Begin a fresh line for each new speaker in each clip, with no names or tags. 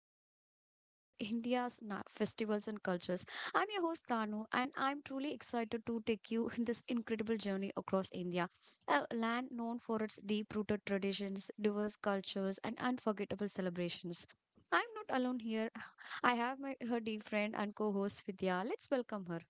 to South Explore India's Festivals and Cultures. I'm your host Tanu, and I'm truly excited to take you in this incredible journey across India, a land known for its deep rooted traditions, diverse cultures, and unforgettable celebrations. I'm not alone here. I have my her dear friend and co host Vidya. Let's welcome her.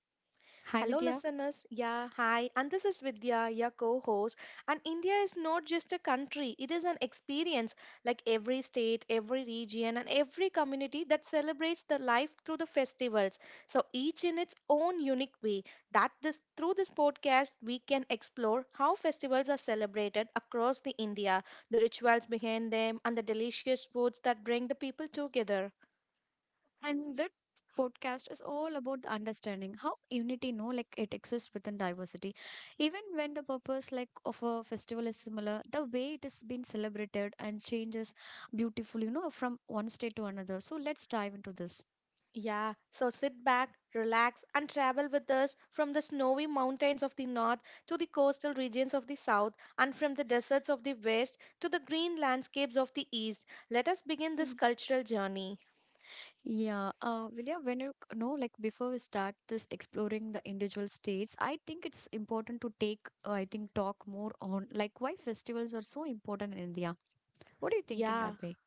Hi,
Hello,
Vidya.
listeners. Yeah, hi. And this is Vidya, your co host. And India is not just a country, it is an experience like every state, every region, and every community that celebrates the life through the festivals. So each in its own unique way. That this Through this podcast, we can explore how festivals are celebrated across the India, the rituals behind them, and the delicious foods that bring the people together.
And that podcast is all about the understanding how unity, no, like it exists within diversity. Even when the purpose, like of a festival, is similar, the way it is being celebrated and changes beautifully, you know, from one state to another. So let's dive into this.
Yeah, so sit back, relax, and travel with us from the snowy mountains of the north to the coastal regions of the south, and from the deserts of the west to the green landscapes of the east. Let us begin this
Mm.
cultural journey.
Yeah, Vidya, when you know, like before we start this exploring the individual states, I think it's important to take, I think, talk more on like why festivals are so important in India. What do you think in
Yeah,
that way?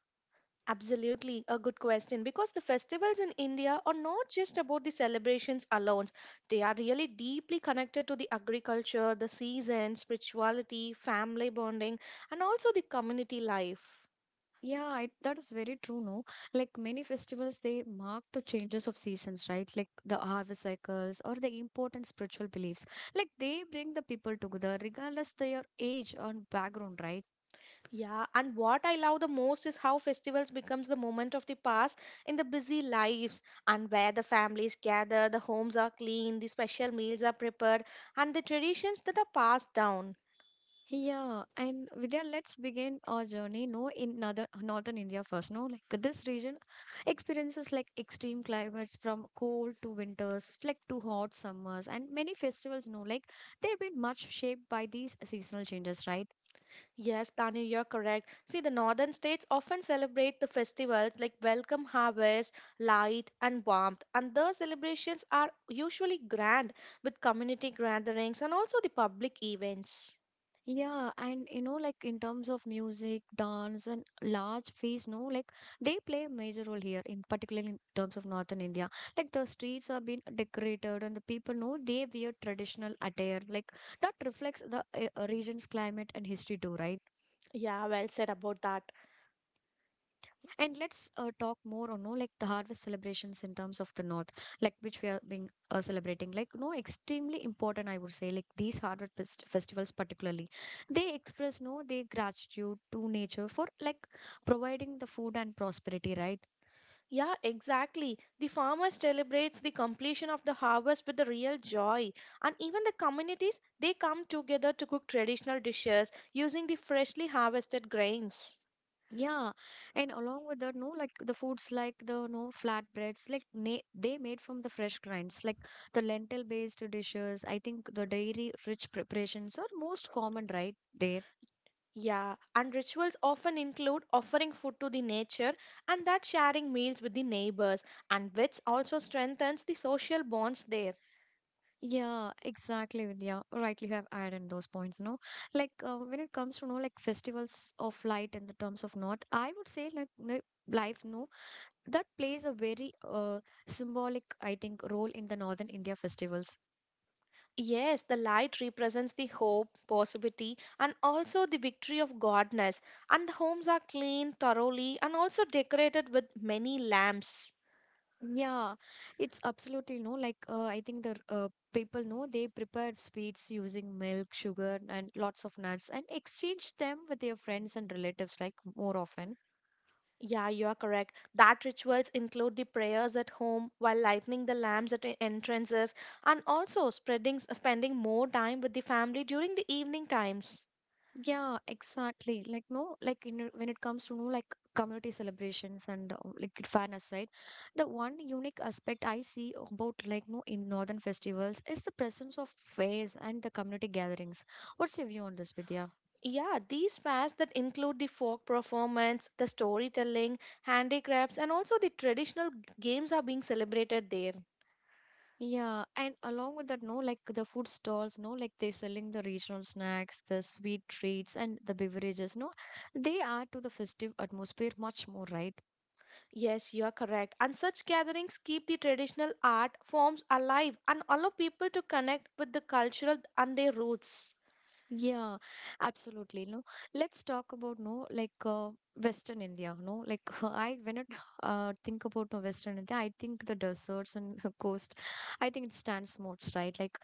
absolutely a good question because the festivals in India are not just about the celebrations alone. They are really deeply connected to the agriculture, the season, spirituality, family bonding, and also the community life.
Yeah, it, that is very true, no? Like many festivals, they mark the changes of seasons, right? Like the harvest cycles or the important spiritual beliefs. Like they bring the people together, regardless their age or background, right?
Yeah, and what I love the most is how festivals becomes the moment of the past in the busy lives and where the families gather, the homes are clean, the special meals are prepared, and the traditions that are passed down.
Yeah, and Vidya, let's begin our journey, no, in northern India first, no? Like this region experiences like extreme climates from cold to winters, like to hot summers, and many festivals, no? Like they've been much shaped by these seasonal changes, right?
Yes, Tanu, you're correct. See, the northern states often celebrate the festivals like welcome harvest, light, and warmth, and the celebrations are usually grand with community gatherings and also the public events.
Yeah, and you know, like in terms of music, dance, and large fees, no, like they play a major role here, in particularly in terms of northern India. Like the streets are being decorated, and the people know they wear traditional attire. Like that reflects the region's climate and history too, right?
Yeah, well said about that.
And let's talk more on no like the harvest celebrations in terms of the north, like which we are being celebrating. Like no, extremely important, I would say. Like these harvest festivals, particularly, they express no their gratitude to nature for like providing the food and prosperity, right?
Yeah, exactly. The farmer celebrates the completion of the harvest with a real joy. And even the communities, they come together to cook traditional dishes using the freshly harvested grains.
Yeah, and along with that, no, like the foods like the no flatbreads, like they made from the fresh grinds, like the lentil based dishes. I think the dairy rich preparations are most common, right? There
Yeah, and rituals often include offering food to the nature and that sharing meals with the neighbors, and which also strengthens the social bonds there.
Yeah, exactly, Vidya. Rightly you have added those points, no? Like when it comes to, no, like festivals of light in the terms of North, I would say like no, life, no, that plays a very symbolic, I think, role in the Northern India festivals.
Yes, the light represents the hope, possibility, and also the victory of godness. And the homes are cleaned thoroughly and also decorated with many lamps.
Yeah, it's absolutely no, like I think the people know they prepare sweets using milk, sugar, and lots of nuts and exchange them with their friends and relatives like more often
Yeah, you are correct. That rituals include the prayers at home while lighting the lamps at the entrances and also spreading spending more time with the family during the evening times.
Yeah, exactly. Like no, like you know, when it comes to no, like community celebrations and like fairness, right? The one unique aspect I see about like no in northern festivals is the presence of fairs and the community gatherings. What's your view on this, Vidya?
Yeah, these fairs that include the folk performance, the storytelling, handicrafts, and also the traditional games are being celebrated there.
Yeah, and along with that, no, like the food stalls, no, like they're selling the regional snacks, the sweet treats, and the beverages, no, they add to the festive atmosphere much more, right?
Yes, you are correct. And such gatherings keep the traditional art forms alive and allow people to connect with the cultural and their roots.
Yeah, absolutely. No, let's talk about no like Western India. No, like I when I think about no, Western India, I think the deserts and coast. I think it stands most right, like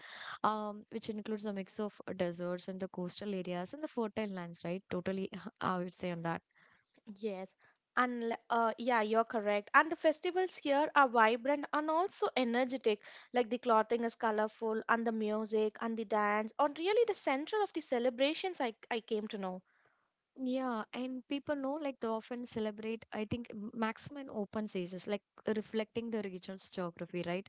which includes a mix of deserts and the coastal areas and the fertile lands. Right, totally. I would say on that.
Yes, and yeah, you're correct. And the festivals here are vibrant and also energetic. Like the clothing is colorful, and the music and the dance are really the center of the celebrations. I came to know.
Yeah, and people know like they often celebrate. I think maximum open seasons, like reflecting the region's geography. Right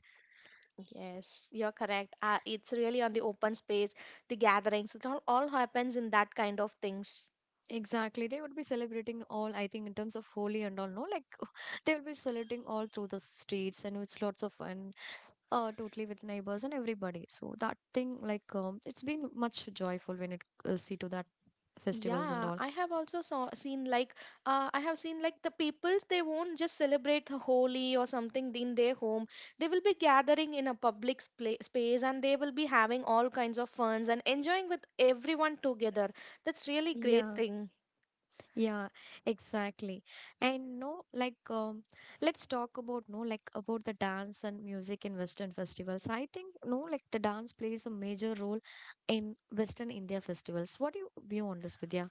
Yes, you're correct. It's really on the open space, the gatherings. It all happens in that kind of things.
Exactly. They would be celebrating all, I think, in terms of holy and all, no? Like, they will be celebrating all through the streets and it's lots of fun, totally with neighbors and everybody. So, that thing, like, it's been much joyful when it see to that festivals and
Yeah,
all.
I have also saw seen like I have seen like the peoples they won't just celebrate the Holi or something in their home. They will be gathering in a public spla space and they will be having all kinds of funs and enjoying with everyone together. That's really great
Yeah,
thing.
yeah, exactly. And no, like, let's talk about, no, like, about the dance and music in Western festivals. I think, no, like, the dance plays a major role in Western India festivals. What do you view on this, Vidya?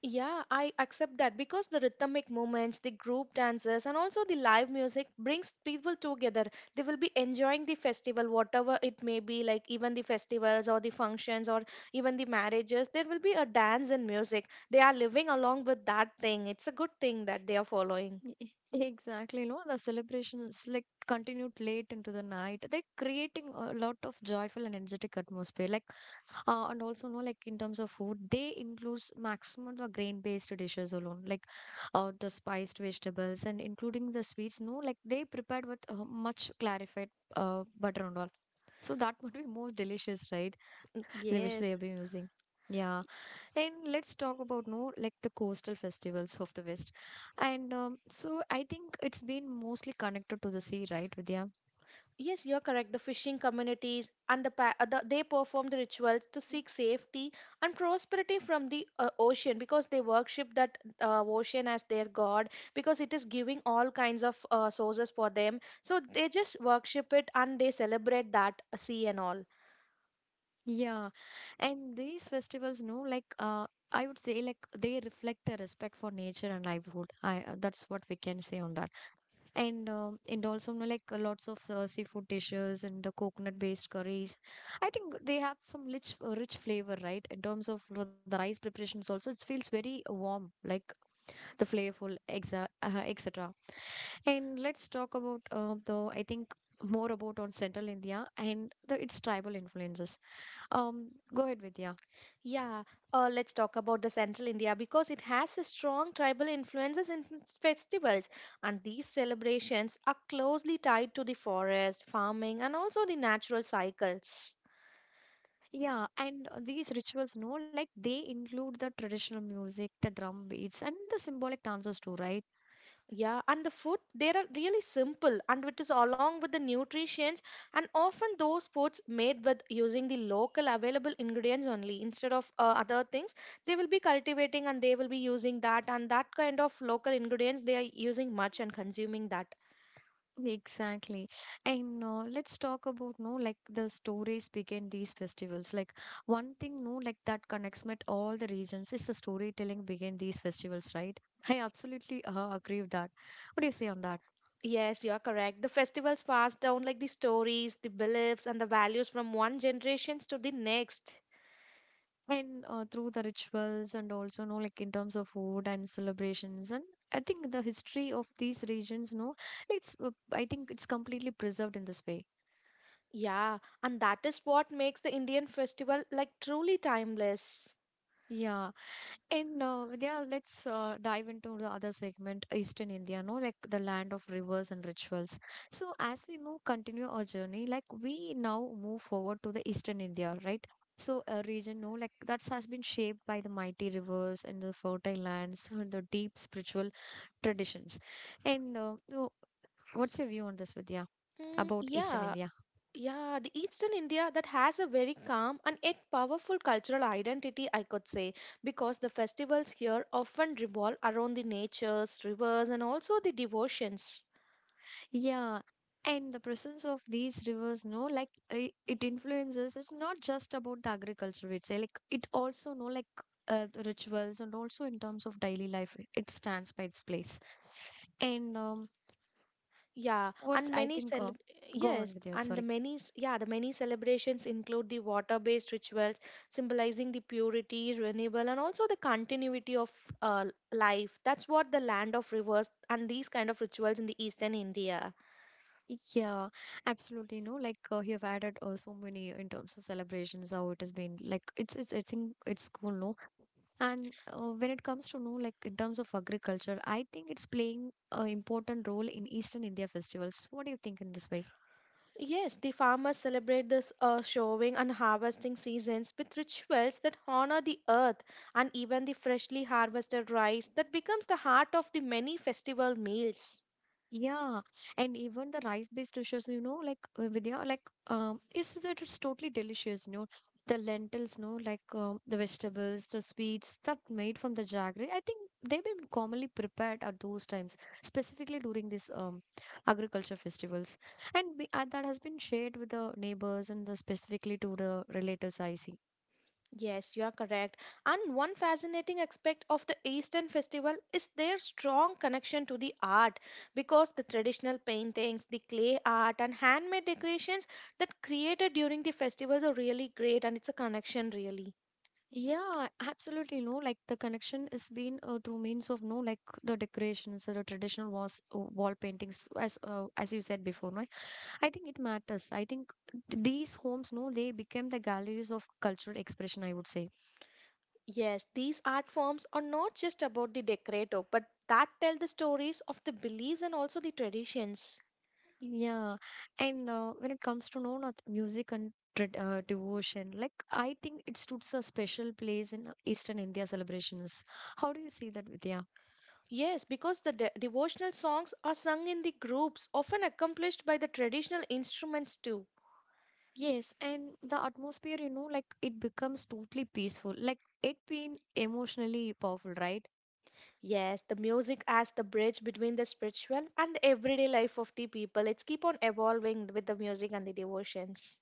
Yeah, I accept that because the rhythmic movements, the group dances, and also the live music brings people together. They will be enjoying the festival, whatever it may be, like even the festivals or the functions or even the marriages. There will be a dance and music. They are living along with that thing. It's a good thing that they are following.
Exactly, no, the celebrations like continued late into the night. They're creating a lot of joyful and energetic atmosphere. Like, and also, no, like in terms of food, they includes maximum the grain-based dishes alone, like the spiced vegetables and including the sweets. No, like they prepared with much clarified butter and all. So that would be more delicious, right? They wish they
Yes.
have been using. Yeah. And let's talk about no like the coastal festivals of the West. And so I think it's been mostly connected to the sea, right, Vidya?
Yes, you're correct. The fishing communities and the they perform the rituals to seek safety and prosperity from the ocean because they worship that ocean as their god because it is giving all kinds of sources for them. So they just worship it and they celebrate that sea and all.
Yeah, and these festivals, no, like I would say, like they reflect the respect for nature and livelihood. I that's what we can say on that. And um, and also you know, like lots of seafood dishes and the coconut based curries. I think they have some rich flavor, right? In terms of the rice preparations, also it feels very warm, like the flavorful exa etc. And let's talk about the I think more about on central India and the its tribal influences. Um, go ahead, Vidya.
Yeah. Let's talk about the central India because it has a strong tribal influences in its festivals, and these celebrations are closely tied to the forest, farming, and also the natural cycles.
Yeah, and these rituals no like they include the traditional music the drum beats and the symbolic dances too right
Yeah, and the food, they are really simple and it is along with the nutrients and often those foods made with using the local available ingredients only instead of other things. They will be cultivating and they will be using that and that kind of local ingredients they are using much and consuming that.
Exactly. And let's talk about no like the stories behind these festivals. Like one thing no like that connects with all the regions is the storytelling behind these festivals, right? I absolutely agree with that. What do you say on that?
Yes, you are correct. The festivals pass down like the stories, the beliefs and the values from one generation to the next.
And through the rituals and also no like in terms of food and celebrations and I think the history of these regions no it's I think it's completely preserved in this way.
Yeah, and that is what makes the Indian festival like truly timeless.
Yeah, and Vidya, let's dive into the other segment, Eastern India, no, like the land of rivers and rituals. So as we move, continue our journey, like we now move forward to the Eastern India, right? So a region, no, like that has been shaped by the mighty rivers and the fertile lands and the deep spiritual traditions. And so what's your view on this, Vidya,
Mm,
about Eastern
yeah.
India?
Yeah, the Eastern India that has a very calm and yet powerful cultural identity, I could say, because the festivals here often revolve around the natures, rivers, and also the devotions.
Yeah, and the presence of these rivers, no, like it influences. It's not just about the agriculture, we'd say. Like it also, no, like the rituals and also in terms of daily life, it stands by its place. And
Yeah,
what's
and
I
many
think,
cel
go on
yes,
with your
and the
sorry.
many s- yeah, The many celebrations include the water-based rituals symbolizing the purity, renewal, and also the continuity of uh, life. That's what the land of rivers and these kind of rituals in the Eastern India.
Yeah, absolutely. No, like you have added so many in terms of celebrations, how it has been. Like it's I think it's cool. No, and when it comes to know, like in terms of agriculture, I think it's playing an important role in Eastern India festivals. What do you think in this way?
Yes, the farmers celebrate this showing and harvesting seasons with rituals that honor the earth and even the freshly harvested rice that becomes the heart of the many festival meals.
Yeah, and even the rice-based dishes, you know, like Vidya, like is that it's totally delicious, you know, the lentils, no, like the vegetables, the sweets that made from the jaggery. I think they've been commonly prepared at those times, specifically during these agriculture festivals, and we, that has been shared with the neighbors and the specifically to the relatives. I see
Yes, you are correct. And one fascinating aspect of the Eastern festival is their strong connection to the art because the traditional paintings, the clay art, and handmade decorations that created during the festivals are really great and it's a connection, really.
Yeah, absolutely. No, like the connection is been through means of no, like the decorations, wall paintings, as you said before. No, I think it matters. I think these homes, no, they became the galleries of cultural expression. I would say.
Yes, these art forms are not just about the decorator, but that tell the stories of the beliefs and also the traditions.
Yeah, and when it comes to no, not music and devotion, like I think it stood a special place in Eastern India celebrations. How do you see that, Vidya?
Yes, because the devotional songs are sung in the groups, often accomplished by the traditional instruments too.
Yes, and the atmosphere, you know, like it becomes totally peaceful. Like it being emotionally powerful, right?
Yes, the music as the bridge between the spiritual and the everyday life of the people. It's keep on evolving with the music and the devotions.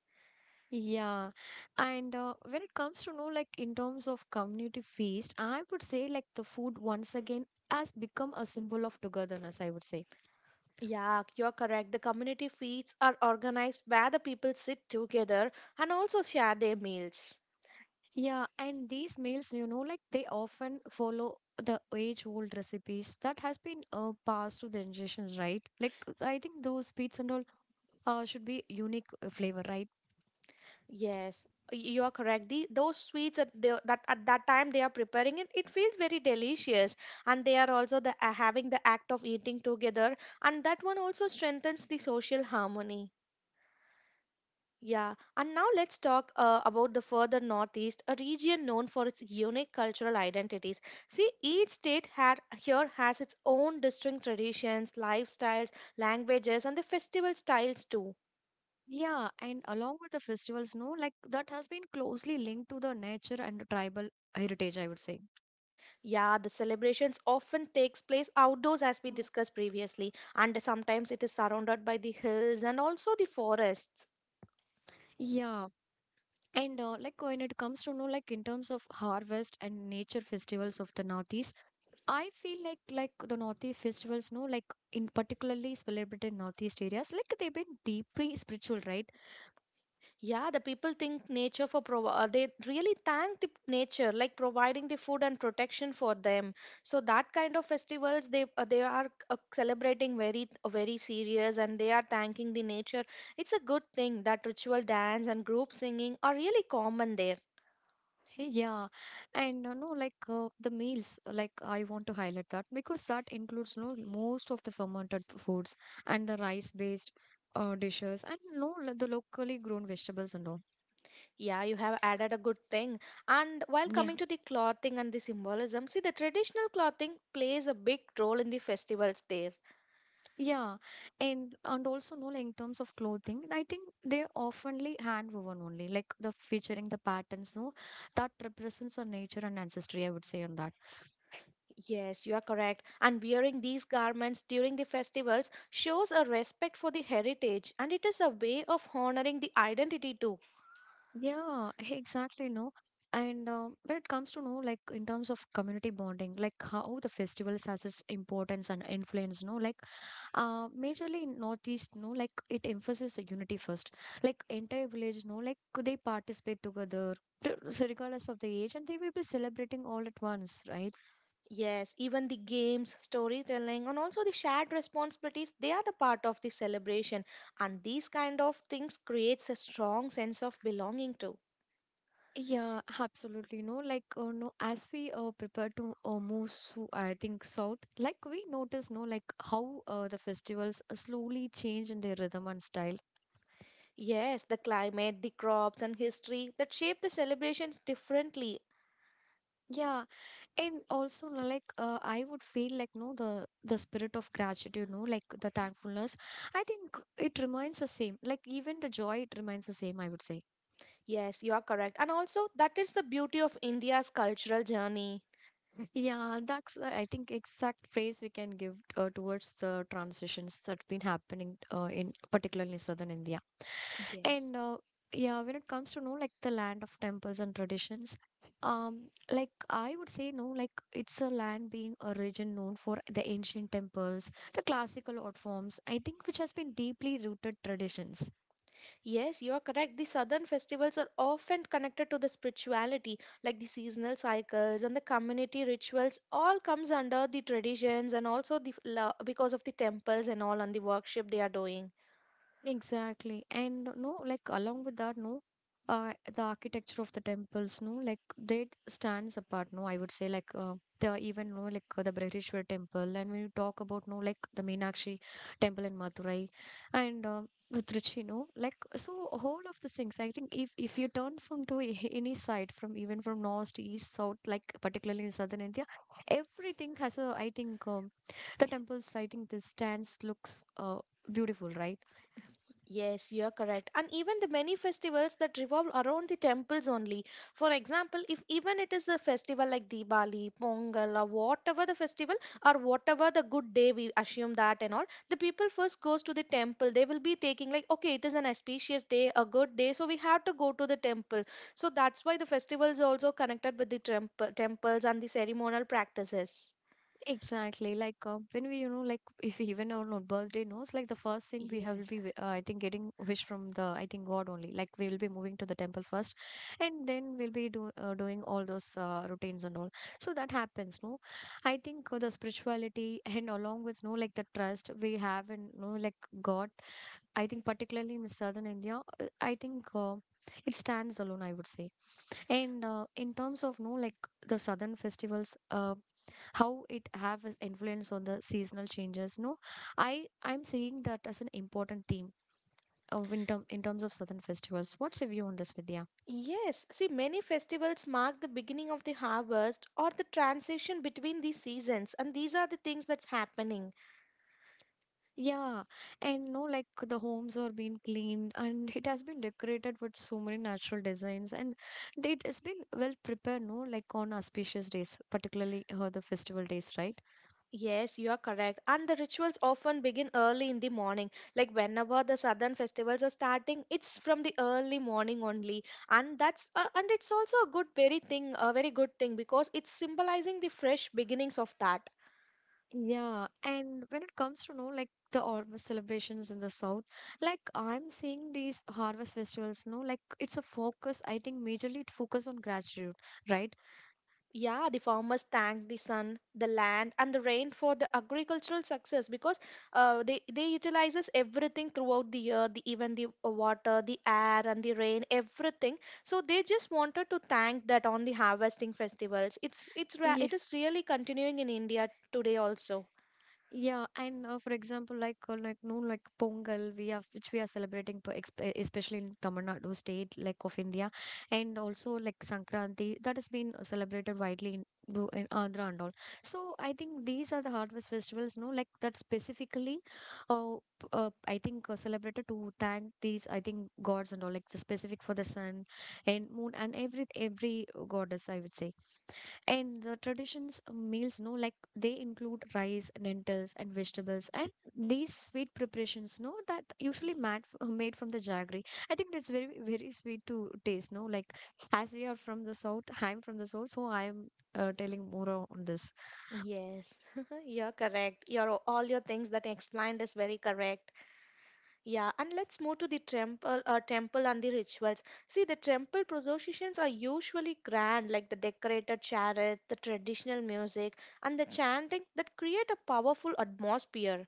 Yeah. And when it comes to know, like in terms of community feast, I would say like the food once again has become a symbol of togetherness, I would say.
Yeah, you're correct. The community feasts are organized where the people sit together and also share their meals.
Yeah, and these meals, you know, like they often follow the age-old recipes that has been passed to the generations, right? Like I think those sweets and all should be unique flavor, right?
Yes, you are correct. Those sweets at that time they are preparing it, it feels very delicious, and they are also the having the act of eating together, and that one also strengthens the social harmony. Yeah, and now let's talk about the further northeast, a region known for its unique cultural identities. See, each state here has its own distinct traditions, lifestyles, languages, and the festival styles too.
Yeah, and along with the festivals, no, like that has been closely linked to the nature and the tribal heritage, I would say.
Yeah, the celebrations often takes place outdoors as we discussed previously, and sometimes it is surrounded by the hills and also the forests.
Yeah, and like when it comes to know, like in terms of harvest and nature festivals of the Northeast, I feel like the Northeast festivals, no, like in particularly celebrated Northeast areas, like they've been deeply spiritual, right?
Yeah, the people think nature for they really thank the nature like providing the food and protection for them. So that kind of festivals they are celebrating very very serious and they are thanking the nature. It's a good thing that ritual dance and group singing are really common there.
Hey, yeah, and no, like the meals, like I want to highlight that because that includes no most of the fermented foods and the rice-based dishes and no lo- the locally grown vegetables and all.
Yeah, you have added a good thing. And while
Yeah,
coming to the clothing and the symbolism, see the traditional clothing plays a big role in the festivals there.
yeah, and also no, like in terms of clothing, I think they're oftenly hand-woven only, like the featuring the patterns, no, that represents our nature and ancestry. I would say on that.
Yes, you are correct. And wearing these garments during the festivals shows a respect for the heritage and it is a way of honoring the identity too.
Yeah, exactly. No, and when it comes to know, like in terms of community bonding, like how the festivals has its importance and influence. No, like majorly in Northeast, no, like it emphasizes the unity first. Like entire village, no, like could they participate together, so regardless of the age, and they will be celebrating all at once, right?
Yes, even the games, storytelling, and also the shared responsibilities, they are the part of the celebration. And these kind of things creates a strong sense of belonging too.
Yeah, absolutely. No, like no, as we prepare to move, so I think south, like we notice, no, like how the festivals slowly change in their rhythm and style.
Yes, the climate, the crops, and history that shape the celebrations differently.
Yeah, and also no, like I would feel like no, the spirit of gratitude, no, like the thankfulness. I think it remains the same. Like even the joy, it remains the same. I would say.
Yes, you are correct. And also, that is the beauty of India's cultural journey.
Yeah, that's I think exact phrase we can give towards the transitions that been happening in particularly southern India.
Yes.
And yeah, when it comes to know like the land of temples and traditions, like I would say no, like it's a land being a region known for the ancient temples, the classical art forms, I think which has been deeply rooted traditions.
Yes, you are correct. The southern festivals are often connected to the spirituality, like the seasonal cycles and the community rituals. All comes under the traditions and also the because of the temples and all and the worship they are doing.
Exactly. And no, like along with that, no, the architecture of the temples, no, like they stands apart, no, I would say like the even no, like the Brihdishwar temple, and when you talk about no, like the Meenakshi temple in Madurai, and with Trichy, no, like so whole of the things. I think if you turn from to any side, from even from north to east, south, like particularly in southern India, everything has a. I think the temples. I think the stands looks beautiful, right?
Yes, you are correct. And even the many festivals that revolve around the temples only. For example, if even it is a festival like Diwali, Pongal, or whatever the festival, or whatever the good day we assume that and all, the people first goes to the temple. They will be taking like, okay, it is an auspicious day, a good day, so we have to go to the temple. So that's why the festivals also connected with the temples and the ceremonial practices.
Exactly. Like when we, you know, like if we even on our birthday knows, like the first thing we have will
Yes.
be, I think, getting wish from the, I think, God only. Like we will be moving to the temple first, and then we'll be doing all those routines and all. So that happens, no? I think the spirituality and along with, no, like the trust we have in, no, like God. I think particularly in southern India, I think. It stands alone, I would say. And in terms of no, like the southern festivals, how it have its influence on the seasonal changes no I'm seeing that as an important theme of in terms of southern festivals. What's your view on this, Vidya?
Yes, see, many festivals mark the beginning of the harvest or the transition between the seasons, and these are the things that's happening.
Yeah, and no like the homes are being cleaned and it has been decorated with so many natural designs, and it has been well prepared no like on auspicious days, particularly the festival days, right?
Yes, you are correct. And the rituals often begin early in the morning. Like whenever the southern festivals are starting, it's from the early morning only, and that's and it's also a very good thing because it's symbolizing the fresh beginnings of that.
Yeah, and when it comes to know like the harvest celebrations in the south, like I'm seeing these harvest festivals, no, like it's a focus. I think majorly it focus on gratitude, right?
Yeah, the farmers thank the sun, the land, and the rain for the agricultural success because they utilizes everything throughout the year, the even the water, the air, and the rain, everything. So they just wanted to thank that on the harvesting festivals. It is really continuing in India today also.
Yeah, and for example, like no like Pongal, we have which we are celebrating, for especially in Tamil Nadu state, like of India, and also like Sankranti that has been celebrated widely in, in Andhra and all. So I think these are the harvest festivals, no, like that specifically, uh, I think celebrated to thank these I think gods and all, like the specific for the sun and moon and every goddess, I would say. And the traditions meals, no, like they include rice, lentils, and vegetables, and these sweet preparations, no, that made from the jaggery. I think that's very, very sweet to taste, no. Like as we are from the south, I'm from the south, so I'm telling more on this.
Yes, you're correct. Your all your things that I explained is very correct. Yeah, and let's move to the temple, temple and the rituals. See, the temple processions are usually grand, like the decorated chariot, the traditional music, and the chanting that create a powerful atmosphere.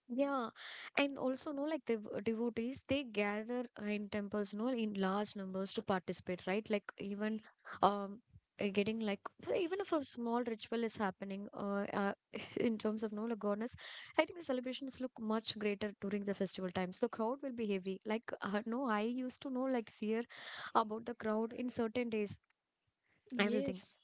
Yeah, and also no, like the devotees, they gather in temples, no, in large numbers to participate, right? Like even um getting like so even if a small ritual is happening, in terms of no like goddess, I think the celebrations look much greater during the festival times. The crowd will be heavy. Like no, I used to know like fear about the crowd in certain days. I will think.
Yes.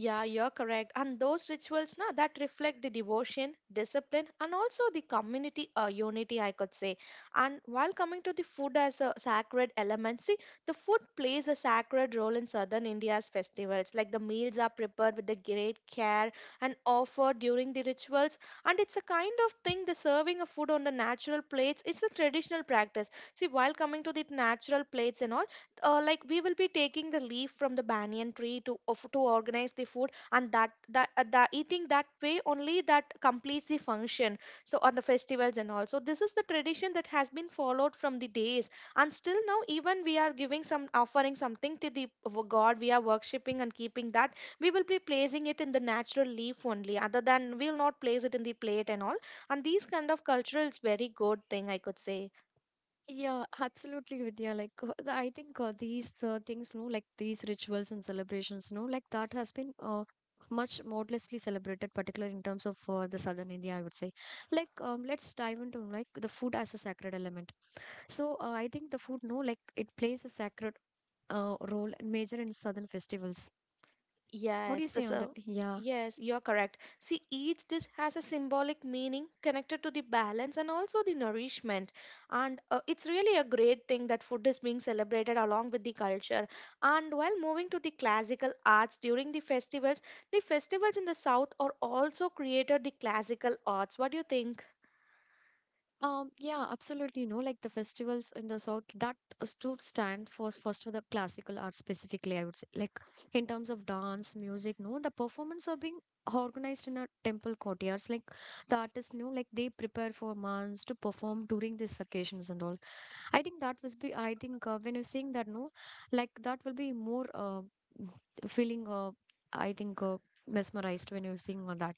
Yeah, you're correct. And those rituals na, that reflect the devotion, discipline, and also the community unity, I could say. And while coming to the food as a sacred element, see, the food plays a sacred role in southern India's festivals. Like the meals are prepared with the great care and offered during the rituals. And it's a kind of thing, the serving of food on the natural plates, it's a traditional practice. See, while coming to the natural plates and all, like we will be taking the leaf from the banyan tree to organize the food, and that that the eating that way only that completes the function so on the festivals and all. So this is the tradition that has been followed from the days, and still now even we are giving some offering something to the god we are worshipping, and keeping that we will be placing it in the natural leaf only, other than we'll not place it in the plate and all. And these kind of cultural is very good thing I could say.
Yeah, absolutely, Vidya. Like, the, I think these things, no, like these rituals and celebrations, no, like that has been much modestly celebrated, particularly in terms of the southern India, I would say. Like, let's dive into like the food as a sacred element. So, I think the food, no, like it plays a sacred role and major in southern festivals. What do
Yes,
you
the
say on that?
so
Yeah.
yes, you're correct. See, each dish has a symbolic meaning connected to the balance and also the nourishment. And it's really a great thing that food is being celebrated along with the culture. And while moving to the classical arts during the festivals in the south are also created the classical arts. What do you think?
Yeah, absolutely. No, like the festivals in the south that stood stand for first for the classical art specifically, I would say. Like in terms of dance, music, no, the performance are being organized in a temple courtyards. Like the artists know, like they prepare for months to perform during these occasions and all. I think that was be. I think when you're seeing that, no, like that will be more feeling I think mesmerized when you're seeing all that.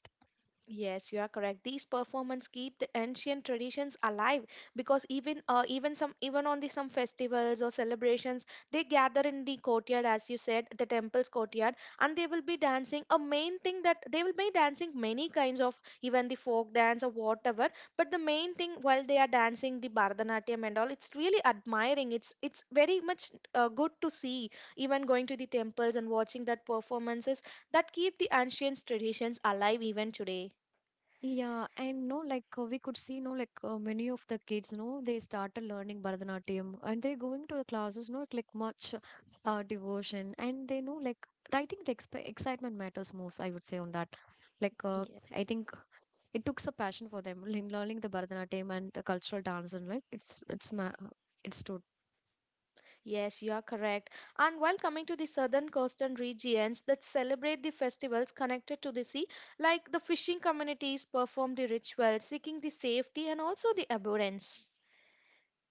Yes, you are correct. These performances keep the ancient traditions alive because even on the some festivals or celebrations, they gather in the courtyard, as you said, the temple's courtyard, and they will be dancing. A main thing that they will be dancing many kinds of even the folk dance or whatever. But the main thing while they are dancing the Bharatanatyam and all, it's really admiring. It's very much good to see. Even going to the temples and watching that performances that keep the ancient traditions alive even today.
Yeah, and no, like we could see, no, like many of the kids, no, they started learning Bharatanatyam and they're going to the classes, no, like much devotion. And they know, like, I think the exp excitement matters most, I would say, on that. Like,
Ye-
I think it took a passion for them in learning the Bharatanatyam and the cultural dance, and like, it's, ma it's stood.
Yes, you are correct. And while coming to the southern coastal regions that celebrate the festivals connected to the sea, like the fishing communities perform the rituals seeking the safety and also the abundance.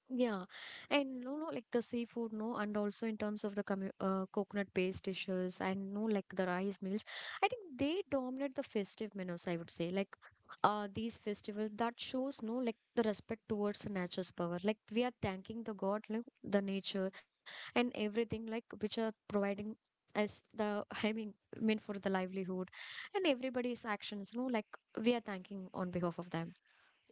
Yeah, and no, like the seafood, no, and also in terms of the commu coconut-based dishes and no, like the rice meals, I think they dominate the festive menus, I would say. Like, these festivals that shows no, like the respect towards the nature's power. Like, we are thanking the God, like the nature and everything, like which are providing us the, I mean for the livelihood and everybody's actions, no, like we are thanking on behalf of them.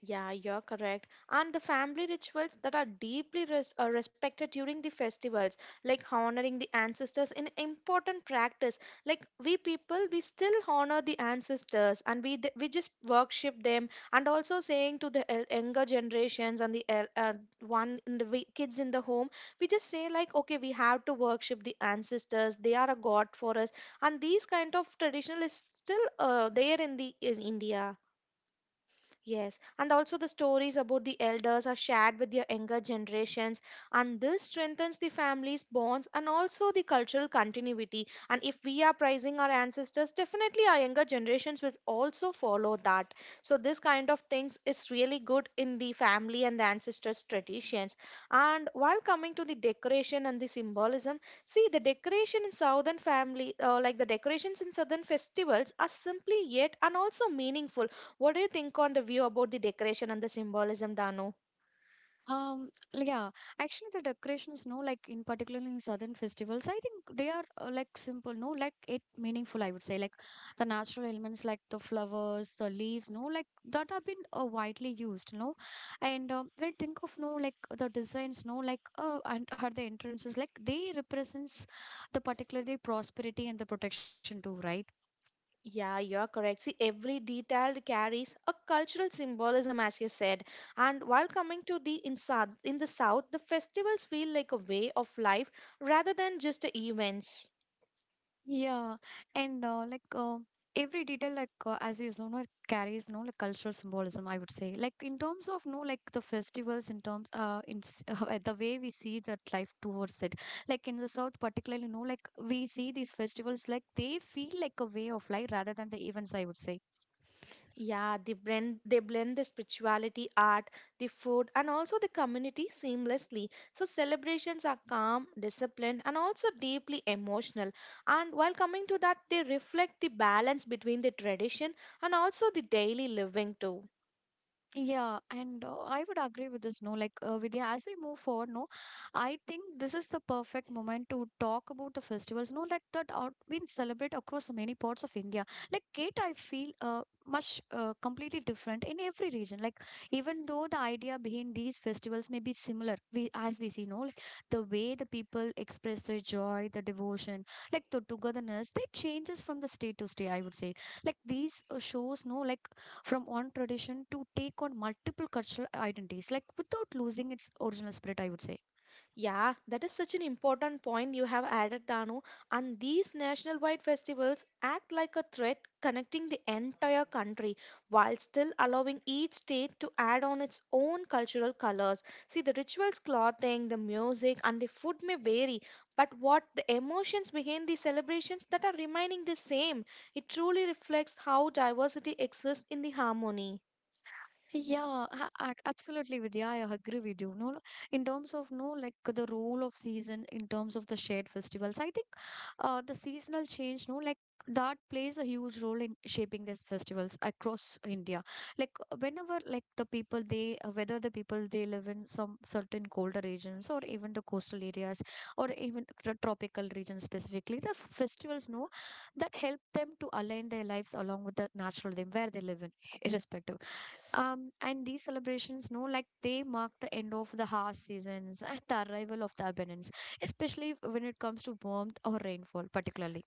Yeah, you're correct. And the family rituals that are deeply respected during the festivals, like honoring the ancestors, in important practice. Like we people, we still honor the ancestors, and we just worship them, and also saying to the younger generations and the one in the kids in the home, we just say like, okay, we have to worship the ancestors. They are a god for us, and these kind of traditional is still there in the in India. Yes, and also the stories about the elders are shared with their younger generations, and this strengthens the family's bonds and also the cultural continuity. And if we are praising our ancestors, definitely our younger generations will also follow that. So, this kind of things is really good in the family and the ancestors' traditions. And while coming to the decoration and the symbolism, see the decoration in southern family, like the decorations in southern festivals, are simply yet and also meaningful. What do you think on the view about the decoration and the symbolism, Dano?
Yeah, actually, the decorations, no, like in particular in southern festivals, I think they are like simple, no, like it meaningful, I would say, like the natural elements, like the flowers, the leaves, no, like that have been widely used, no, and when I think of no, like the designs, no, like and are the entrances, like they represents the particularly prosperity and the protection too, right?
Yeah, you're correct. See, every detail carries a cultural symbolism, as you said. And while coming to the in, south, in the south, the festivals feel like a way of life rather than just events.
Yeah, and like every detail, like as you know, it carries no like cultural symbolism. I would say, like in terms of no like the festivals, in terms in s- the way we see that life towards it. Like in the south, particularly, no, like we see these festivals like they feel like a way of life rather than the events, I would say.
Yeah, they blend the spirituality, art, the food, and also the community seamlessly. So celebrations are calm, disciplined, and also deeply emotional. And while coming to that, they reflect the balance between the tradition and also the daily living too.
Yeah, and I would agree with this. No, like Vidya, as we move forward, no, I think this is the perfect moment to talk about the festivals. No, like that out we celebrate across many parts of India. Like Kate, I feel much completely different in every region. Like even though the idea behind these festivals may be similar, we as we see, no, like the way the people express their joy, the devotion, like the togetherness, they changes from the state to state, I would say, like these shows, no, like from one tradition to take on multiple cultural identities, like without losing its original spirit, I would say.
Yeah, that is such an important point you have added, Danu. And these national wide festivals act like a thread connecting the entire country while still allowing each state to add on its own cultural colors. See, the rituals, clothing, the music, and the food may vary, but what the emotions behind the celebrations that are remaining the same, it truly reflects how diversity exists in the harmony.
Yeah, absolutely, Vidya. I agree with you. No, No, in terms of no, like the role of season, in terms of the shared festivals, I think the seasonal change, no, like that plays a huge role in shaping these festivals across India. Like whenever, like the people they, whether the people they live in some certain colder regions or even the coastal areas or even tropical regions specifically, the festivals, no, that help them to align their lives along with the natural them where they live in, irrespective. And these celebrations, no, like they mark the end of the harsh seasons and the arrival of the abundance, especially when it comes to warmth or rainfall, particularly.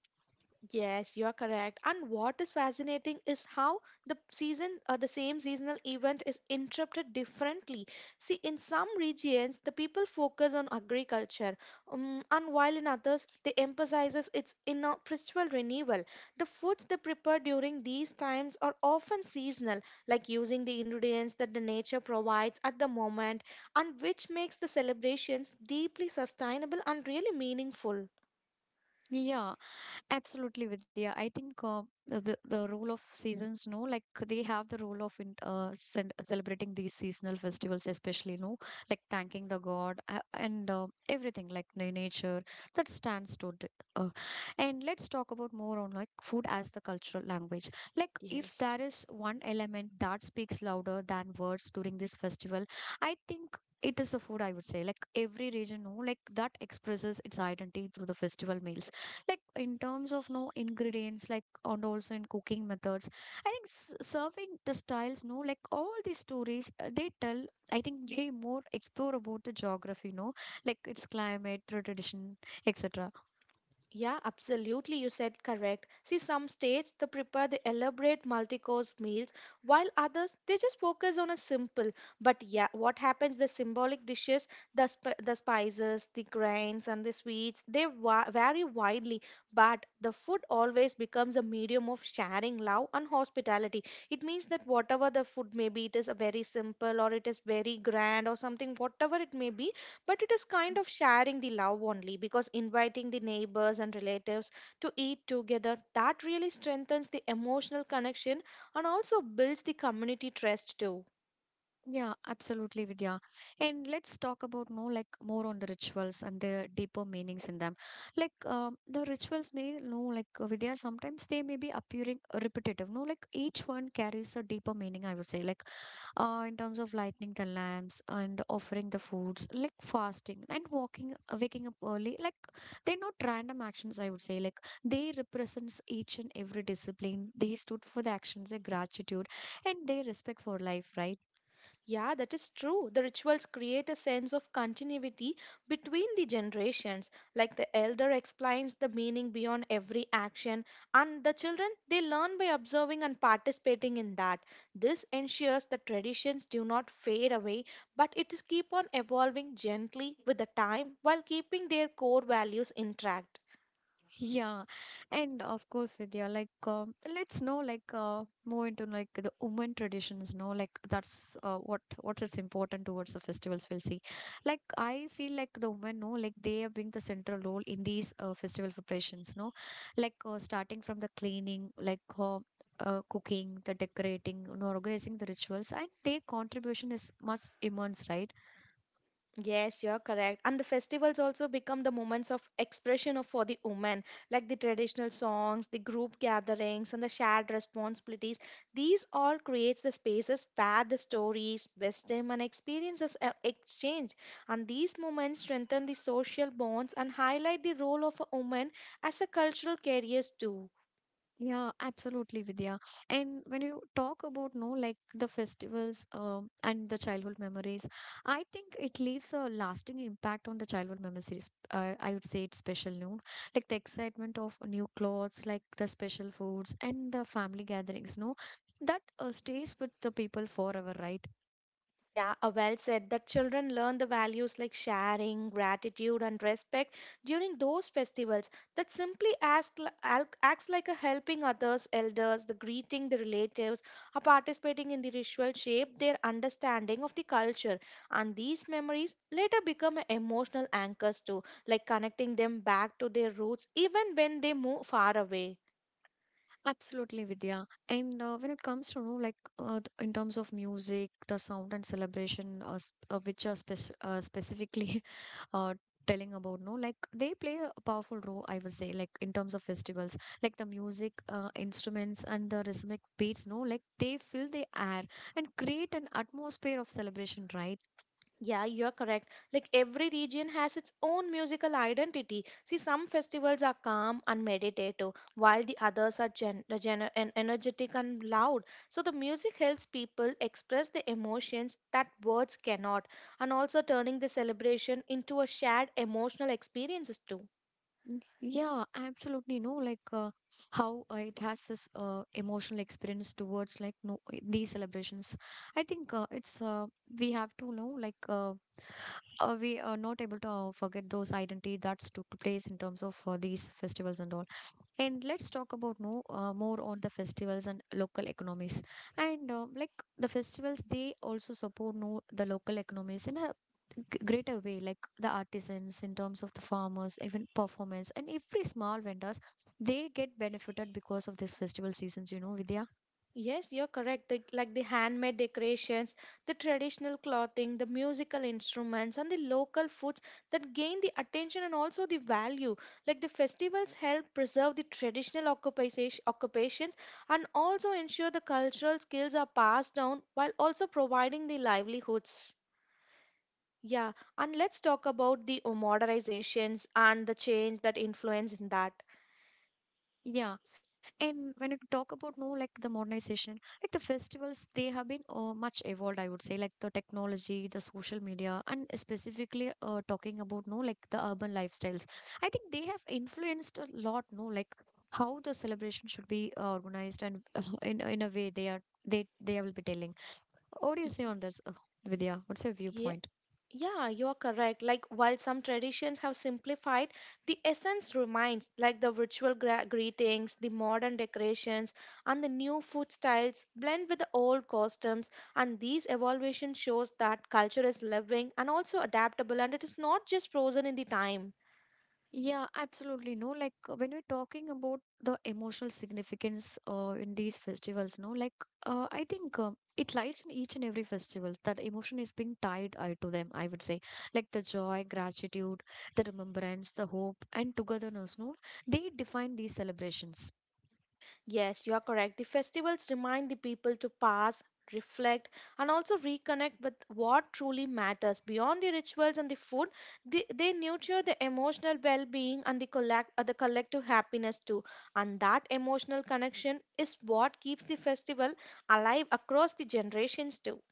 Yes, you are correct. And what is fascinating is how the season, the same seasonal event is interrupted differently. See, in some regions, the people focus on agriculture, and while in others, they emphasizes its inner spiritual renewal. The foods they prepare during these times are often seasonal, like using the ingredients that the nature provides at the moment, and which makes the celebrations deeply sustainable and really meaningful.
Yeah, absolutely, Vidya. I think the role of seasons, no, like they have the role of in, celebrating these seasonal festivals, especially, no, like thanking the god and everything like nature that stands to. Uh, and let's talk about more on like food as the cultural language. Like if
Yes.
there is one element that speaks louder than words during this festival, I think. It is the food, I would say. Like every region, no, like that expresses its identity through the festival meals, like in terms of no ingredients like and also in cooking methods. I think serving the styles, no, like all these stories they tell. I think they more explore about the geography, no, like its climate, tradition, etc.
Yeah, absolutely. You said correct. See, some states they prepare the elaborate multi-course meals, while others they just focus on a simple. But yeah, what happens? The symbolic dishes, the spices, the grains, and the sweets they vary widely. But the food always becomes a medium of sharing love and hospitality. It means that whatever the food may be, it is a very simple or it is very grand or something, whatever it may be, but it is kind of sharing the love only, because inviting the neighbors and relatives to eat together that really strengthens the emotional connection and also builds the community trust too.
Yeah, absolutely, Vidya. And let's talk about, no, like more on the rituals and the deeper meanings in them. Like the rituals may, no, like Vidya, sometimes they may be appearing repetitive, no, like each one carries a deeper meaning, I would say. Like in terms of lighting the lamps and offering the foods, like fasting and walking, waking up early, like they're not random actions, I would say. Like they represents each and every discipline, they stood for the actions, their gratitude and their respect for life, right?
Yeah, that is true. The rituals create a sense of continuity between the generations. Like the elder explains the meaning beyond every action, and the children they learn by observing and participating in that. This ensures that traditions do not fade away, but it is keep on evolving gently with the time while keeping their core values intact.
Yeah, and of course, Vidya, like let's know like more into like the women traditions. No, like that's uh, what is important towards the festivals. We'll see. Like I feel like the women, no, like they are being the central role in these festival preparations. No, like starting from the cleaning, like cooking, the decorating, you know, organizing the rituals, and their contribution is much immense, right?
Yes, you're correct. And the festivals also become the moments of expression of, for the women, like the traditional songs, the group gatherings, and the shared responsibilities. These all creates the spaces where the stories, wisdom, and experiences are exchanged. And these moments strengthen the social bonds and highlight the role of a woman as a cultural carriers too.
Yeah, absolutely, Vidya. And when you talk about, no, like the festivals and the childhood memories, I think it leaves a lasting impact on the childhood memories. I would say it's special, no? Like the excitement of new clothes, like the special foods and the family gatherings, no? That stays with the people forever, right?
Yeah, well said. That children learn the values like sharing, gratitude, and respect during those festivals. That simply acts, acts like a helping others, elders, the greeting the relatives, or participating in the ritual shape their understanding of the culture. And these memories later become emotional anchors too, like connecting them back to their roots even when they move far away.
Absolutely, Vidya. And when it comes to, you know, like, in terms of music, the sound and celebration, s- which are spec- specifically uh, telling about, no, like, they play a powerful role, I would say, like, in terms of festivals. Like, the music, instruments, and the rhythmic beats, no, like, they fill the air and create an atmosphere of celebration, right?
Yeah, you're correct. Like every region has its own musical identity. See, some festivals are calm and meditative, while the others are energetic and loud. So, the music helps people express the emotions that words cannot, and also turning the celebration into a shared emotional experiences too.
Yeah, absolutely. No, like how it has this emotional experience towards like, no, these celebrations. I think it's we have to know like we are not able to forget those identity that's took place in terms of these festivals and all. And let's talk about, no, more on the festivals and local economies. And like the festivals, they also support, no, the local economies in a greater way, like the artisans in terms of the farmers, even performers, and every small vendors, they get benefited because of these festival seasons. You know, Vidya.
Yes, you're correct. The, like the handmade decorations, the traditional clothing, the musical instruments, and the local foods that gain the attention and also the value. Like the festivals help preserve the traditional occupations and also ensure the cultural skills are passed down while also providing the livelihoods. Yeah, and let's talk about the modernizations and the change that influence in that.
Yeah, and when you talk about, no, like the modernization, like the festivals, they have been much evolved, I would say, like the technology, the social media, and specifically talking about, no, like the urban lifestyles. I think they have influenced a lot, no, like how the celebration should be organized and in a way they are they will be telling. What do you say
Y-
on this, Vidya? What's your
Yeah.
viewpoint?
Yeah, you're correct. Like, while some traditions have simplified, the essence remains, like the ritual greetings, the modern decorations, and the new food styles blend with the old customs. And these evolution shows that culture is living and also adaptable, and it is not just frozen in the time.
Yeah, absolutely. No, like when we're talking about the emotional significance in these festivals, no, like I think it lies in each and every festivals that emotion is being tied to them. I would say, like the joy, gratitude, the remembrance, the hope, and togetherness. No, they define these celebrations.
Yes, you are correct. The festivals remind the people to pass, reflect, and also reconnect with what truly matters. Beyond the rituals and the food, they nurture the emotional well being and the collective happiness too. And that emotional connection is what keeps the festival alive across the generations too.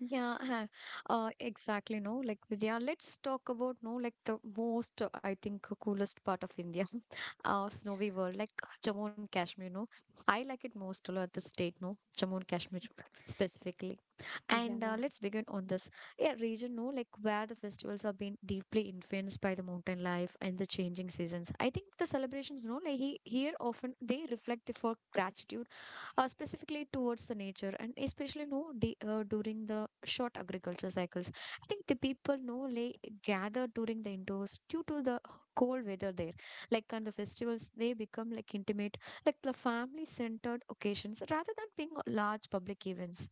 Yeah, exactly. No, like, yeah, let's talk about, no, like, the most, coolest part of India, snowy world, like Jammu and Kashmir. No, I like it most a lot, the state, no, Jammu and Kashmir specifically. And
Yeah.
let's begin on this, yeah, region, no, like, where the festivals have been deeply influenced by the mountain life and the changing seasons. I think the celebrations, no, like, here often they reflect for gratitude specifically towards the nature and especially, no, during the short agriculture cycles. I think the people, no, lay gather during the indoors due to the cold weather there, like on the festivals they become like intimate, like the family centered occasions rather than being large public events.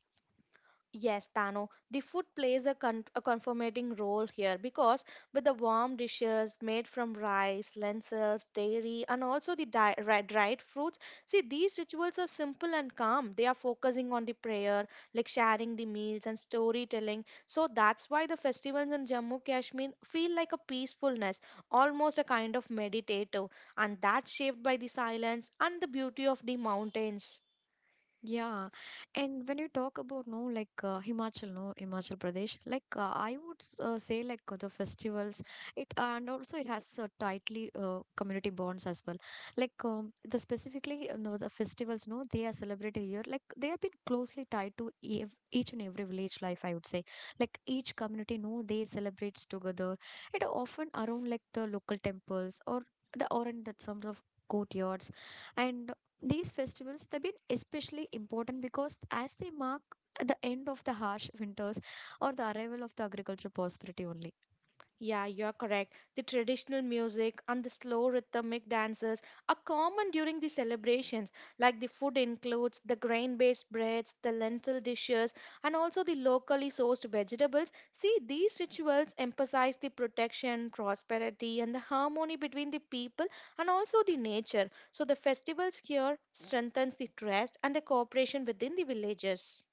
Yes, Tano, the food plays a, a confirmating role here because with the warm dishes made from rice, lentils, dairy, and also the dried fruits, see, these rituals are simple and calm. They are focusing on the prayer, like sharing the meals and storytelling. So that's why the festivals in Jammu Kashmir feel like a peacefulness, almost a kind of meditative, and that's shaped by the silence and the beauty of the mountains.
Yeah, and when you talk about, no, like Himachal, no Himachal Pradesh, like I would say like the festivals, it and also it has tightly community bonds as well. Like the specifically no, the festivals, no, they are celebrated here. Like they have been closely tied to ev each and every village life. I would say like each community, no, they celebrates together. It often around like the local temples or the or in that some of courtyards, and these festivals they've been especially important because as they mark the end of the harsh winters or the arrival of the agricultural prosperity only.
Yeah, you're correct. The traditional music and the slow rhythmic dances are common during the celebrations. Like the food includes the grain based breads, the lentil dishes, and also the locally sourced vegetables. See, these rituals emphasize the protection, prosperity, and the harmony between the people and also the nature. So the festivals here strengthens the trust and the cooperation within the villages.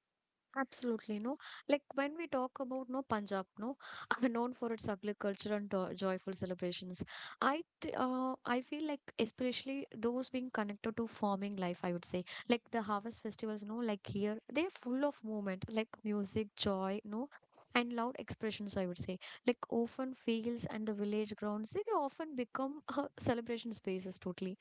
Absolutely, no. Like when we talk about, no, Punjab, no, known for its agriculture and joyful celebrations. I feel like especially those being connected to farming life, I would say, like the harvest festivals, no, like here they're full of movement, like music, joy, no. And loud expressions, I would say, like often fields and the village grounds, they often become celebration spaces totally.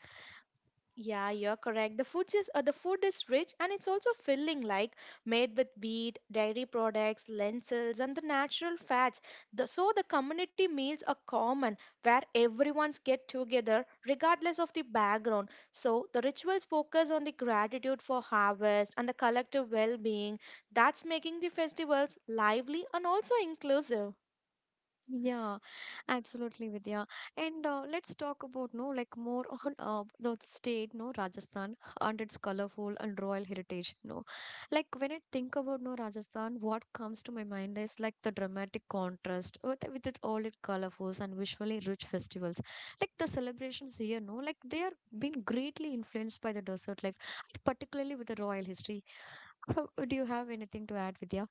Yeah, you're correct. The food is rich and it's also filling, like made with wheat, dairy products, lentils, and the natural fats. The, so the community meals are common, where everyone's get together regardless of the background. So the rituals focus on the gratitude for harvest and the collective well-being. That's making the festivals lively and also inclusive.
Yeah, absolutely, Vidya. And let's talk about, no, like more on the state, no, Rajasthan and its colorful and royal heritage. No, like when I think about, no, Rajasthan, what comes to my mind is like the dramatic contrast with it, all its colorfuls and visually rich festivals. Like the celebrations here, no, like they are being greatly influenced by the desert life, particularly with the royal history. Uh, Do you have anything to add, Vidya?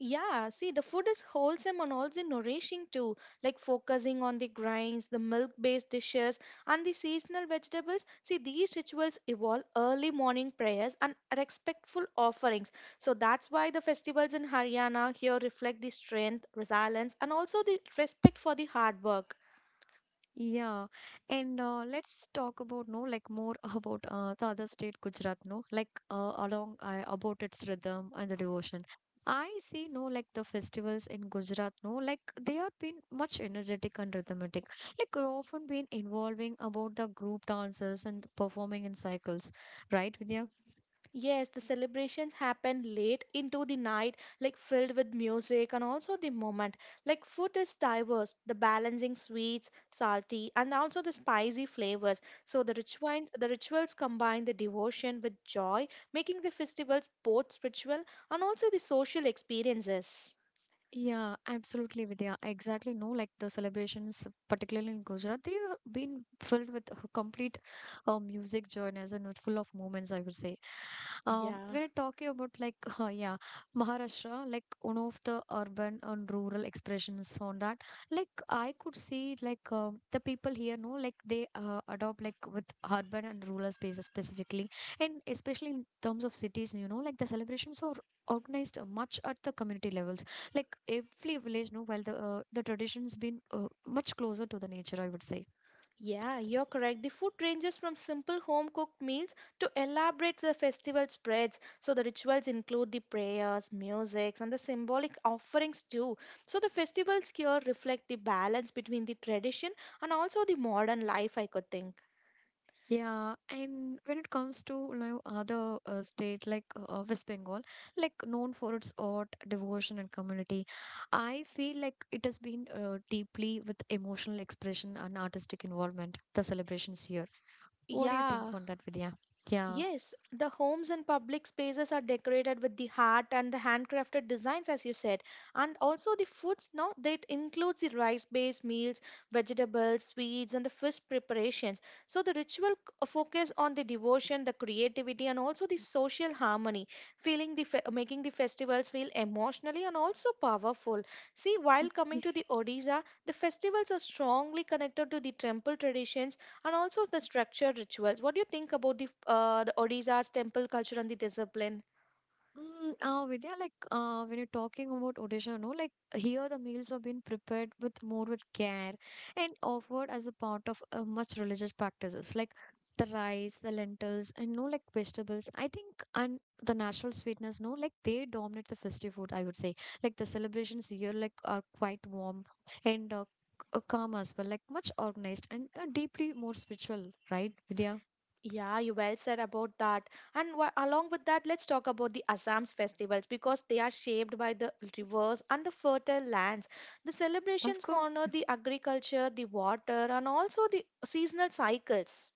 Yeah, see, the food is wholesome and also nourishing too, like focusing on the grains, the milk based dishes, and the seasonal vegetables. See, these rituals evolve early morning prayers and respectful offerings. So that's why the festivals in Haryana here reflect the strength, resilience, and also the respect for the hard work.
Yeah, and let's talk about, no, like more about the other state Gujarat, no, like along about its rhythm and the devotion. I see, no, like the festivals in Gujarat, no, like they are been much energetic and rhythmic, like often been involving about the group dances and performing in cycles, right, Vidya?
Yes, the celebrations happen late into the night, like filled with music and also the moment. Like food is diverse, the balancing sweets, salty, and also the spicy flavors. So the rituals combine the devotion with joy, making the festivals both spiritual and also the social experiences.
Yeah, absolutely, Vidya. Exactly. No, like the celebrations, particularly in Gujarat, they have been filled with a complete music journeys and full of moments, I would say.
Yeah.
When I talk about like, yeah, Maharashtra, like one of the urban and rural expressions on that, like I could see like the people here, no, like they adopt like with urban and rural spaces specifically, and especially in terms of cities, you know, like the celebrations are organized much at the community levels, like every village, no, while the tradition's been much closer to the nature, I would say.
Yeah, you're correct. The food ranges from simple home cooked meals to elaborate the festival spreads. So the rituals include the prayers, musics, and the symbolic offerings too. So the festivals here reflect the balance between the tradition and also the modern life, I could think.
Yeah, and when it comes to, you know, other state, like West Bengal, like known for its art devotion and community, I feel like it has been deeply with emotional expression and artistic involvement the celebrations here. What do you think
Yeah.
on that, Vidya? Yeah.
Yes, the homes and public spaces are decorated with the heart and the handcrafted designs, as you said. And also the foods now that includes the rice-based meals, vegetables, sweets, and the fish preparations. So the focus on the devotion, the creativity, and also the social harmony, making the festivals feel emotionally and also powerful. See, while coming to the Odisha, the festivals are strongly connected to the temple traditions and also the structured rituals. What do you think about the Odisha's temple culture and the discipline?
Vidya, like when you're talking about Odisha, no, like here the meals are being prepared with more with care and offered as a part of much religious practices, like the rice, the lentils, and, no, like vegetables. I think and the natural sweetness, no, like they dominate the festive food. I would say, like the celebrations here, like are quite warm and calm as well, like much organized and deeply more spiritual, right, Vidya?
Yeah, you well said about that. And along with that, let's talk about the Assam's festivals because they are shaped by the rivers and the fertile lands. The
Of
celebrations
course.
honor the agriculture, the water, and also the seasonal cycles.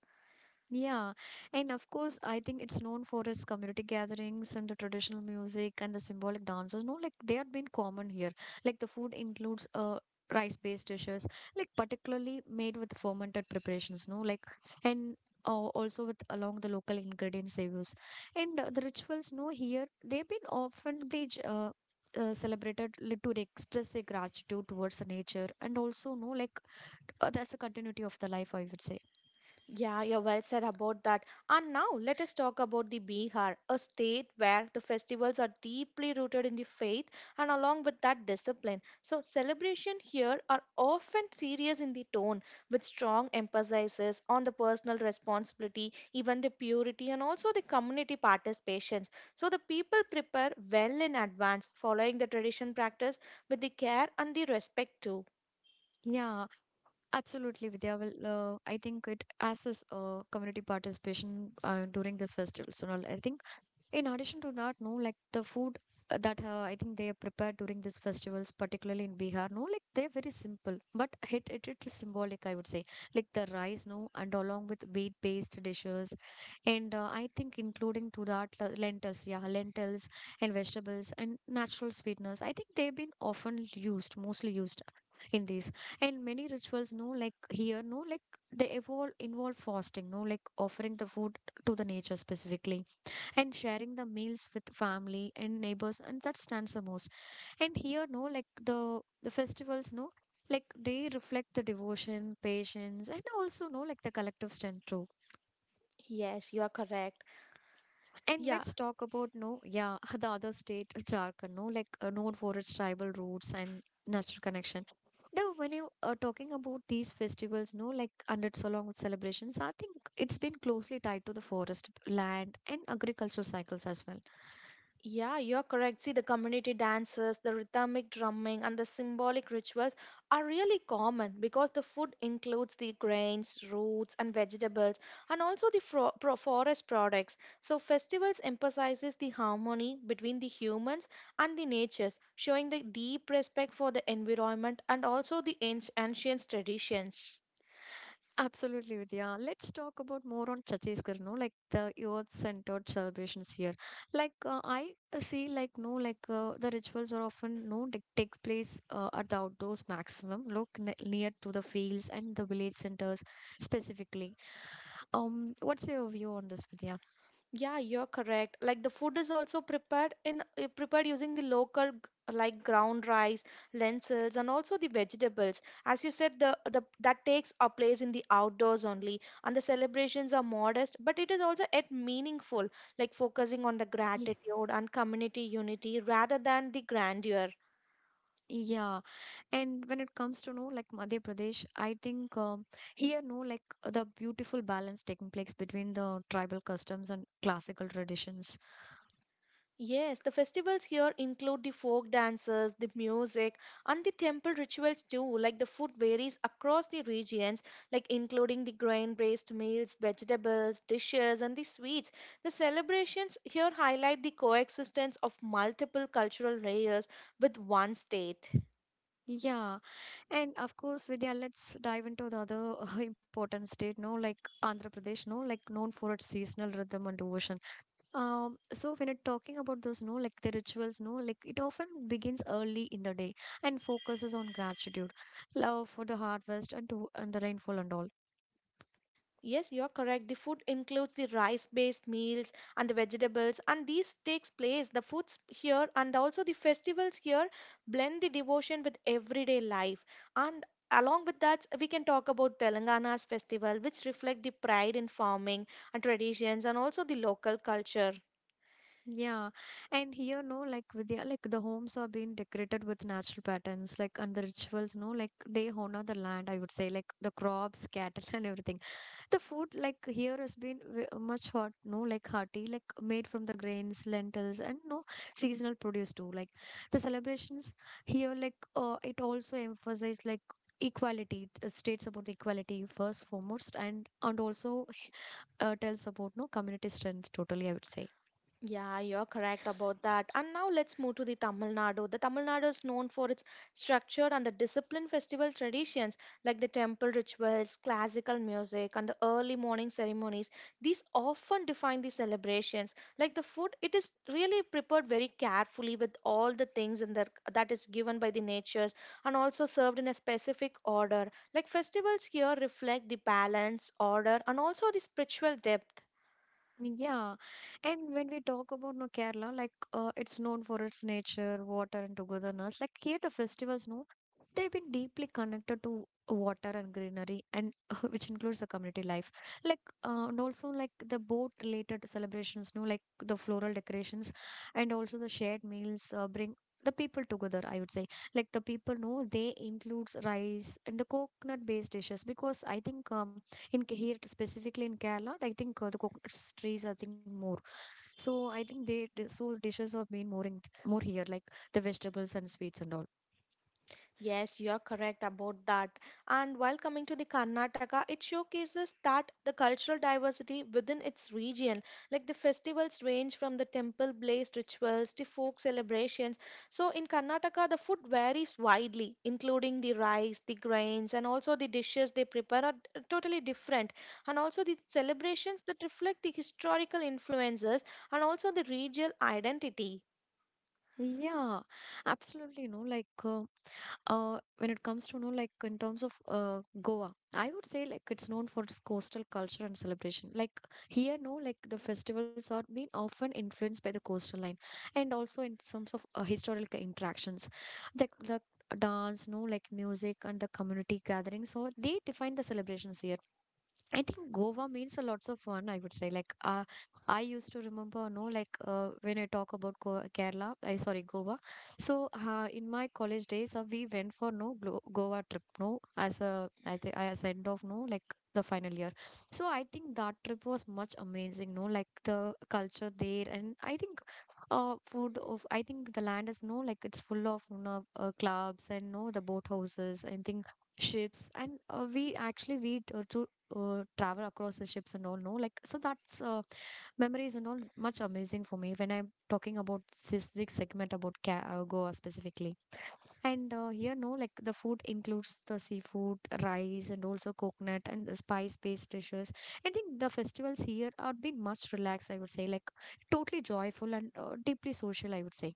Yeah, and of course, I think it's known for its community gatherings and the traditional music and the symbolic dances. No, like they have been common here. Like the food includes rice-based dishes, like particularly made with fermented preparations. No, like and also with along the local ingredients they use, and the rituals. No, here they've been often celebrated to express their gratitude towards the nature and also, no, like that's a continuity of the life, I would say.
Yeah, you're well said about that. And now let us talk about the Bihar, a state where the festivals are deeply rooted in the faith and along with that discipline. So celebration here are often serious in the tone with strong emphasis on the personal responsibility, even the purity and also the community participations. So the people prepare well in advance following the tradition practice with the care and the respect too.
Yeah, absolutely, Vidya. Well, I think it as is community participation during this festival. So I think in addition to that, no, like the food that I think they are prepared during these festivals, particularly in Bihar, no, like they're very simple, but it is symbolic, I would say. Like the rice, no, and along with wheat based dishes, and I think including to that lentils, yeah, lentils and vegetables and natural sweeteners. I think they've been often used, mostly used in these and many rituals, no, like here, no, like they evolve involve fasting, no, like offering the food to the nature specifically, and sharing the meals with family and neighbors, and that stands the most. And here, no, like the festivals, no, like they reflect the devotion, patience, and also, no, like the collective strength too.
Yes, you are correct.
And
Yeah.
let's talk about, no, yeah, the other state, Jharkhand, no, like known for its tribal roots and natural connection. Now, when you are talking about these festivals, no, like under so long with celebrations, I think it's been closely tied to the forest, land, and agriculture cycles as well.
Yeah, you're correct. See, the community dances, the rhythmic drumming, and the symbolic rituals are really common because the food includes the grains, roots, and vegetables, and also the fro pro forest products. So, festivals emphasizes the harmony between the humans and the natures, showing the deep respect for the environment and also the ancient traditions.
Absolutely, Vidya. Let's talk about more on Chhattisgarh, no? Like the youth-centered celebrations here. Like I see, like no, like the rituals are often, no, like, takes place at the outdoors maximum, look ne near to the fields and the village centers specifically. What's your view on this, Vidya?
Yeah, you're correct. Like the food is also prepared in prepared using the like ground rice, lentils, and also the vegetables. As you said, the that takes a place in the outdoors only, and the celebrations are modest, but it is also yet meaningful, like focusing on the
Ye-
gratitude and community unity rather than the grandeur.
Yeah, and when it comes to, no, like Madhya Pradesh, I think here, no, like the beautiful balance taking place between the tribal customs and classical traditions.
Yes, the festivals here include the folk dances, the music, and the temple rituals too. Like the food varies across the regions, like including the grain-based meals, vegetables, dishes, and the sweets. The celebrations here highlight the coexistence of multiple cultural layers with one state.
Yeah, and of course, Vidya, let's dive into the other important state, no, like Andhra Pradesh, no, like known for its seasonal rhythm and devotion. So when it talking about those, no, like the rituals, no, like it often begins early in the day and focuses on gratitude, love for the harvest and the rainfall and all.
Yes, you are correct. The food includes the rice-based meals and the vegetables, and these takes place. The foods here and also the festivals here blend the devotion with everyday life. And along with that, we can talk about Telangana's festival, which reflect the pride in farming and traditions, and also the local culture.
Yeah, and here, no, like Vidya, like the homes are being decorated with natural patterns, like, and the rituals, no, like they honor the land. I would say, like the crops, cattle, and everything. The food like here has been much hot, no, like hearty, like made from the grains, lentils, and no seasonal produce too. Like the celebrations here, like it also emphasized, like equality, it states about the equality first foremost, and also tells about, no, community strength totally, I would say.
Yeah, you're correct about that. And now let's move to the Tamil Nadu. The Tamil Nadu is known for its structured and the disciplined festival traditions like the temple rituals, classical music, and the early morning ceremonies. These often define the celebrations. Like the food, it is really prepared very carefully with all the things in the, that is given by the natures and also served in a specific order. Like festivals here reflect the balance, order, and also the spiritual depth.
Yeah, and when we talk about, no, Kerala, like it's known for its nature, water, and togetherness. Like here, the festivals, no, they've been deeply connected to water and greenery, and which includes the community life. Like and also like the boat-related celebrations, no, like the floral decorations, and also the shared meals bring the people together, I would say, like the people, no, they includes rice and the coconut-based dishes, because I think in here specifically in Kerala, I think the coconuts trees, I think more. So I think so dishes are being more in more here, like the vegetables and sweets and all.
Yes, you're correct about that. And while coming to the Karnataka, it showcases that the cultural diversity within its region, like the festivals range from the temple based rituals to folk celebrations. So in Karnataka, the food varies widely, including the rice, the grains, and also the dishes they prepare are totally different. And also the celebrations that reflect the historical influences and also the regional identity.
Yeah, absolutely. You know, like when it comes to, you know, like in terms of Goa, I would say like it's known for its coastal culture and celebration. Like here, no, like the festivals are being often influenced by the coastal line, and also in terms of historical interactions, the dance, no, like music and the community gatherings. So they define the celebrations here. I think Goa means a lots of fun, I would say. Like, I used to remember, no, like when I talk about Go Kerala, I sorry, Goa. So, in my college days, we went for no Glo Goa trip, no, as a I think as end of, no, like the final year. So, I think that trip was much amazing, no, like the culture there, and I think food of, I think, the land is, no, like it's full of, you know, clubs and no the boat houses. I think ships, and we actually we t- to travel across the ships and all, no, like, so that's memories and all much amazing for me when I'm talking about this segment about Goa specifically. And here, no, like the food includes the seafood, rice, and also coconut and the spice based dishes. I think the festivals here are been much relaxed, I would say, like totally joyful and deeply social, I would say.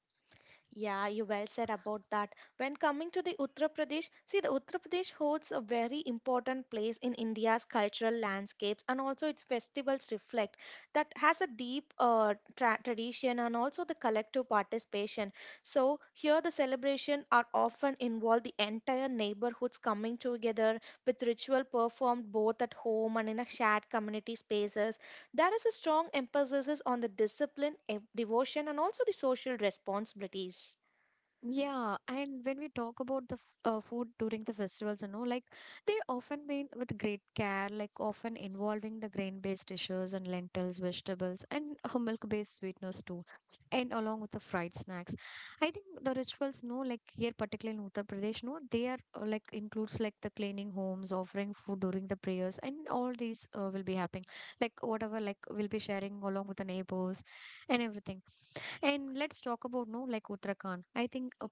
Yeah, you well said about that. When coming to the Uttar Pradesh, see the Uttar Pradesh holds a very important place in India's cultural landscapes and also its festivals reflect that has a deep tradition and also the collective participation. So here the celebration are often involve the entire neighborhoods coming together with ritual performed both at home and in a shared community spaces there is a strong emphasis on the discipline, devotion, and also the social responsibilities.
Yeah, and when we talk about the food during the festivals, you know, like they often been with great care, like often involving the grain-based dishes and lentils, vegetables, and milk-based sweeteners too, and along with the fried snacks. I think the rituals, no, like here particularly in Uttar Pradesh, no, they are like includes like the cleaning homes, offering food during the prayers, and all these will be happening, like whatever, like we'll be sharing along with the neighbors and everything. And let's talk about, no, like Uttarakhand. I think a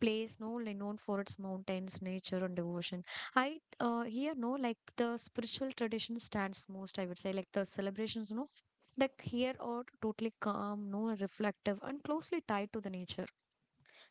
place, no, like known for its mountains, nature, and devotion. I here, no, like the spiritual tradition stands most, I would say, like the celebrations no. Like here are totally calm, no, reflective, and closely tied to the nature.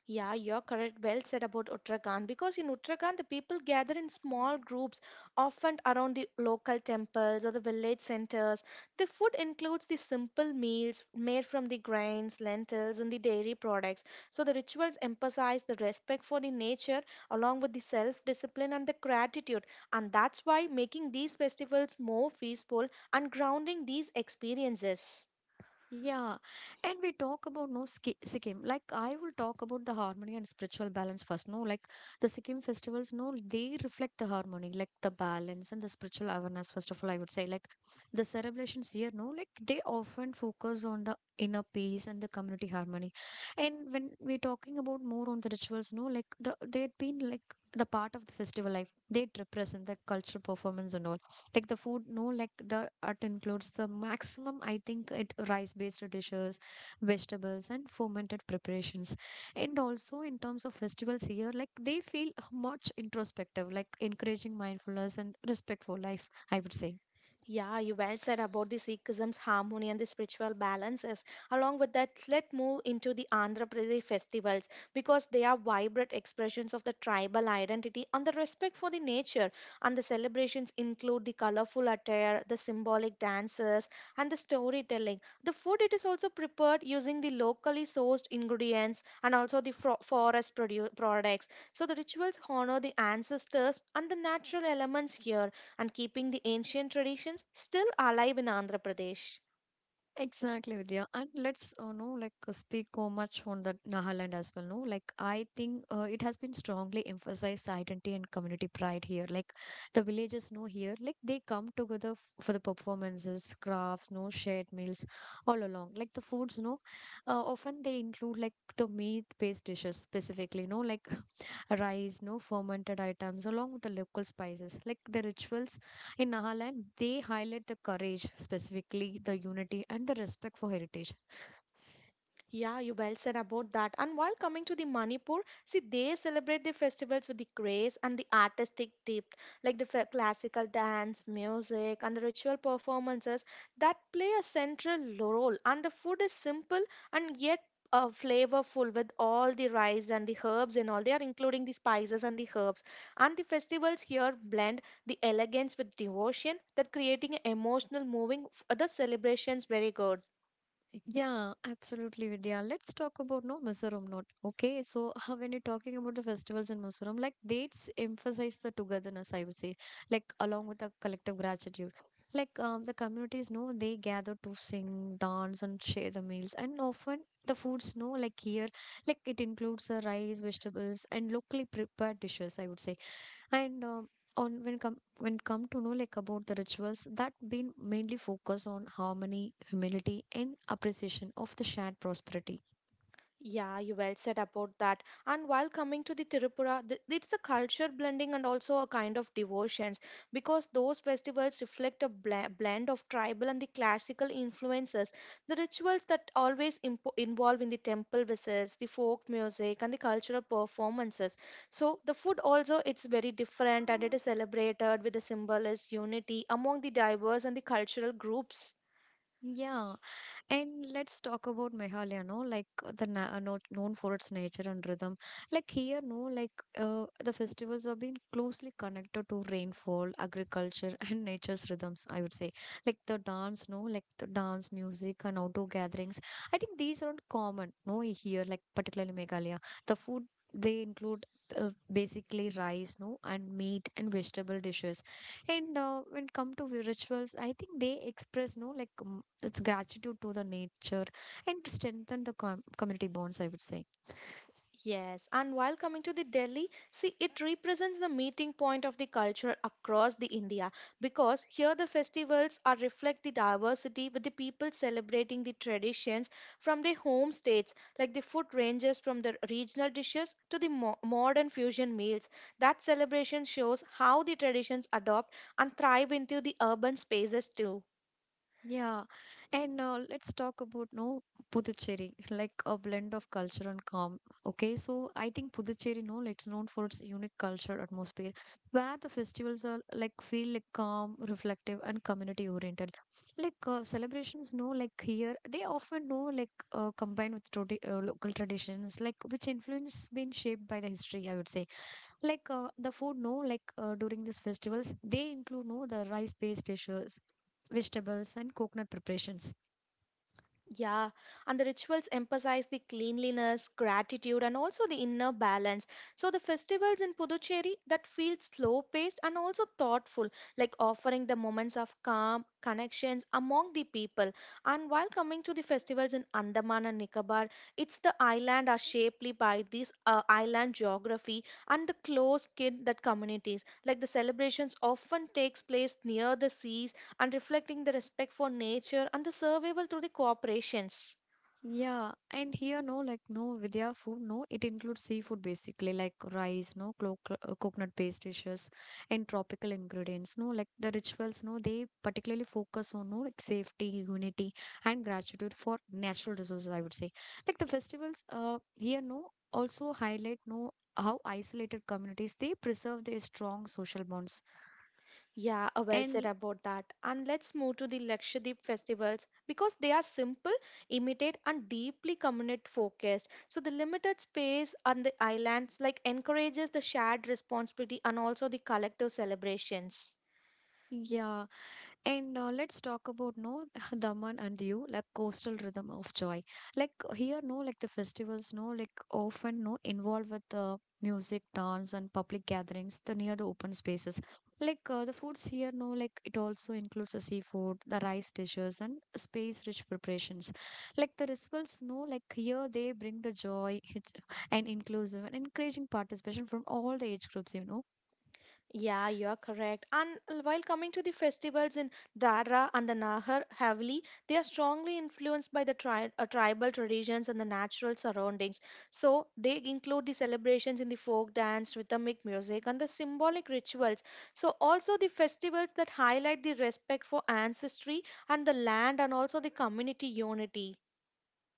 Yeah, you're correct. Well said about Uttarakhand because in Uttarakhand, the people gather in small groups, often around the local temples or the village centers. The food includes the simple meals made from the grains, lentils, and the dairy products. So the rituals emphasize the respect for the nature along with the self discipline and the gratitude. And that's why making these festivals more peaceful and grounding these experiences.
Yeah, and we talk about no Sikkim. Like I will talk about the harmony and spiritual balance first. No, like the Sikkim festivals, no, they reflect the harmony, like the balance and the spiritual awareness. First of all, I would say, like the celebrations here, no, like they often focus on the inner peace and the community harmony. And when we're talking about more on the rituals, no, like they have been like the part of the festival life. They represent the cultural performance and all, like the food, no, like the art includes the maximum, I think it rice based dishes, vegetables, and fermented preparations. And also in terms of festivals here, like they feel much introspective, like encouraging mindfulness and respect for life, I would say.
Yeah, you well said about the Sikhism's harmony and the spiritual balances. Along with that, let's move into the Andhra Pradesh festivals because they are vibrant expressions of the tribal identity and the respect for the nature. And the celebrations include the colorful attire, the symbolic dances, and the storytelling. The food it is also prepared using the locally sourced ingredients and also the forest products. So the rituals honor the ancestors and the natural elements here and keeping the ancient traditions still alive in Andhra Pradesh.
Exactly, Vidya. And let's no like speak so much on the Nagaland as well. No, like I think it has been strongly emphasized the identity and community pride here. Like the villagers know here, like they come together for the performances, crafts, no shared meals, all along. Like the foods, no, often they include like the meat-based dishes specifically. No, like rice, no fermented items, along with the local spices. Like the rituals in Nagaland, they highlight the courage, specifically the unity and the respect for heritage.
Yeah, you well said about that. And while coming to the Manipur, see, they celebrate the festivals with the grace and the artistic depth, like the classical dance, music, and the ritual performances that play a central role. And the food is simple and yet flavorful with all the rice and the herbs and all. They are including the spices and the herbs. And the festivals here blend the elegance with devotion that creating an emotional moving. The celebrations very good.
Yeah, absolutely, Vidya. Let's talk about no Mizoram note. Okay, so when you're talking about the festivals in Mizoram, like dates emphasize the togetherness, I would say, like along with the collective gratitude. Like the communities know they gather to sing, dance, and share the meals, and often the foods know like here, like it includes the rice, vegetables, and locally prepared dishes, I would say. And on when come to know like about the rituals that been mainly focus on harmony, humility, and appreciation of the shared prosperity.
Yeah, you well said about that. And while coming to the Tirupura, it's a culture blending and also a kind of devotions because those festivals reflect a blend of tribal and the classical influences. The rituals that always involve in the temple visits, the folk music, and the cultural performances. So the food also it's very different and it is celebrated with the symbolist unity among the diverse and the cultural groups.
Yeah, and let's talk about Meghalaya, no? Like the na not known for its nature and rhythm. Like here, no, like the festivals have been closely connected to rainfall, agriculture, and nature's rhythms, I would say. Like the dance, no, like the dance, music, and outdoor gatherings. I think these aren't common, no, here, like particularly Meghalaya. The food they include basically rice, no, and meat and vegetable dishes. And when come to rituals, I think they express, no, like it's gratitude to the nature and to strengthen the community bonds, I would say.
Yes, and while coming to the Delhi, see it represents the meeting point of the culture across the India because here the festivals are reflect the diversity with the people celebrating the traditions from their home states like the food ranges from the regional dishes to the modern fusion meals. That celebration shows how the traditions adopt and thrive into the urban spaces too.
Yeah. And let's talk about no Puducherry, like a blend of culture and calm. Okay, so I think Puducherry, no, it's known for its unique cultural atmosphere, where the festivals are like feel like calm, reflective, and community oriented. Like celebrations, no, like here they often know like combined with local traditions, like which influence been shaped by the history, I would say. Like the food, no, like during these festivals they include no the rice based dishes, vegetables, and coconut preparations.
Yeah, and the rituals emphasize the cleanliness, gratitude, and also the inner balance. So, the festivals in Puducherry that feel slow paced and also thoughtful, like offering the moments of calm, connections among the people. And while coming to the festivals in Andaman and Nicobar, it's the island are shapely by this island geography and the close kin that communities. Like the celebrations often takes place near the seas and reflecting the respect for nature and the survival through the cooperations.
Yeah, and here, no, like no Vidya food, no, it includes seafood basically, like rice, no, coconut based dishes, and tropical ingredients, no, like the rituals, no, they particularly focus on, no, like safety, unity, and gratitude for natural resources, I would say. Like the festivals, here, no, also highlight, no, how isolated communities they preserve their strong social bonds.
Yeah, well said
And
about that. And let's move to the Lakshadweep festivals because they are simple, immediate, and deeply community focused. So the limited space on the islands like encourages the shared responsibility and also the collective celebrations.
yeah, and let's talk about no Daman and Diu, like coastal rhythm of joy. Like here, no, like the festivals, no, like often no involved with the music, dance, and public gatherings. The near the open spaces, like the foods here, no, like it also includes the seafood, the rice dishes, and space-rich preparations. Like the rituals, no, like here they bring the joy and inclusive and encouraging participation from all the age groups, you know.
Yeah, you're correct. And while coming to the festivals in Dara and the Nahar Haveli, they are strongly influenced by the tribal traditions and the natural surroundings. So they include the celebrations in the folk dance, rhythmic music, and the symbolic rituals. So also the festivals that highlight the respect for ancestry and the land, and also the community unity.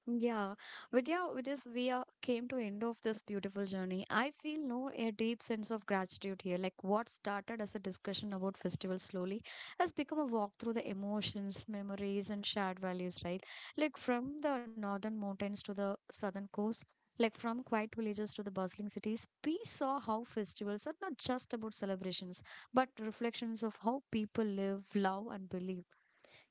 Yeah, Vidya, with this we are came to end of this beautiful journey. I feel no a deep sense of gratitude here. Like what started as a discussion about festivals slowly has become a walk through the emotions, memories, and shared values. Right, like from the northern mountains to the southern coast. Like from quiet villages to the bustling cities, we saw how festivals are not just about celebrations, but reflections of how people live, love, and believe.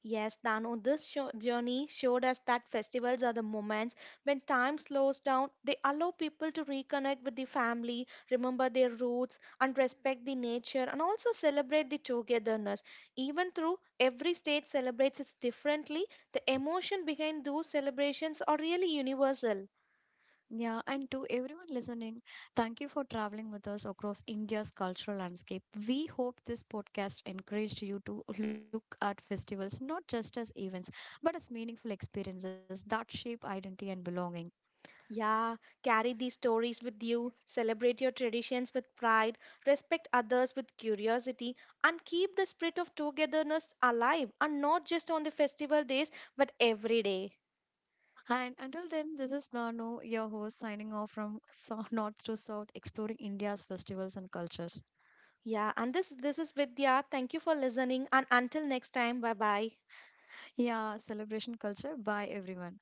Yes, Danu, journey showed us that festivals are the moments when time slows down. They allow people to reconnect with the family, remember their roots, and respect the nature, and also celebrate the togetherness. Even though every state celebrates it differently, the emotion behind those celebrations are really universal.
Yeah, and to everyone listening, thank you for traveling with us across India's cultural landscape. We hope this podcast encouraged you to look at festivals not just as events, but as meaningful experiences that shape identity and belonging.
Yeah, carry these stories with you, celebrate your traditions with pride, respect others with curiosity, and keep the spirit of togetherness alive and not just on the festival days but every day.
And until then, this is Nano, your host, signing off from north to south, exploring India's festivals and cultures.
Yeah, and this is Vidya. Thank you for listening and until next time, bye bye.
Yeah, celebration culture. Bye, everyone.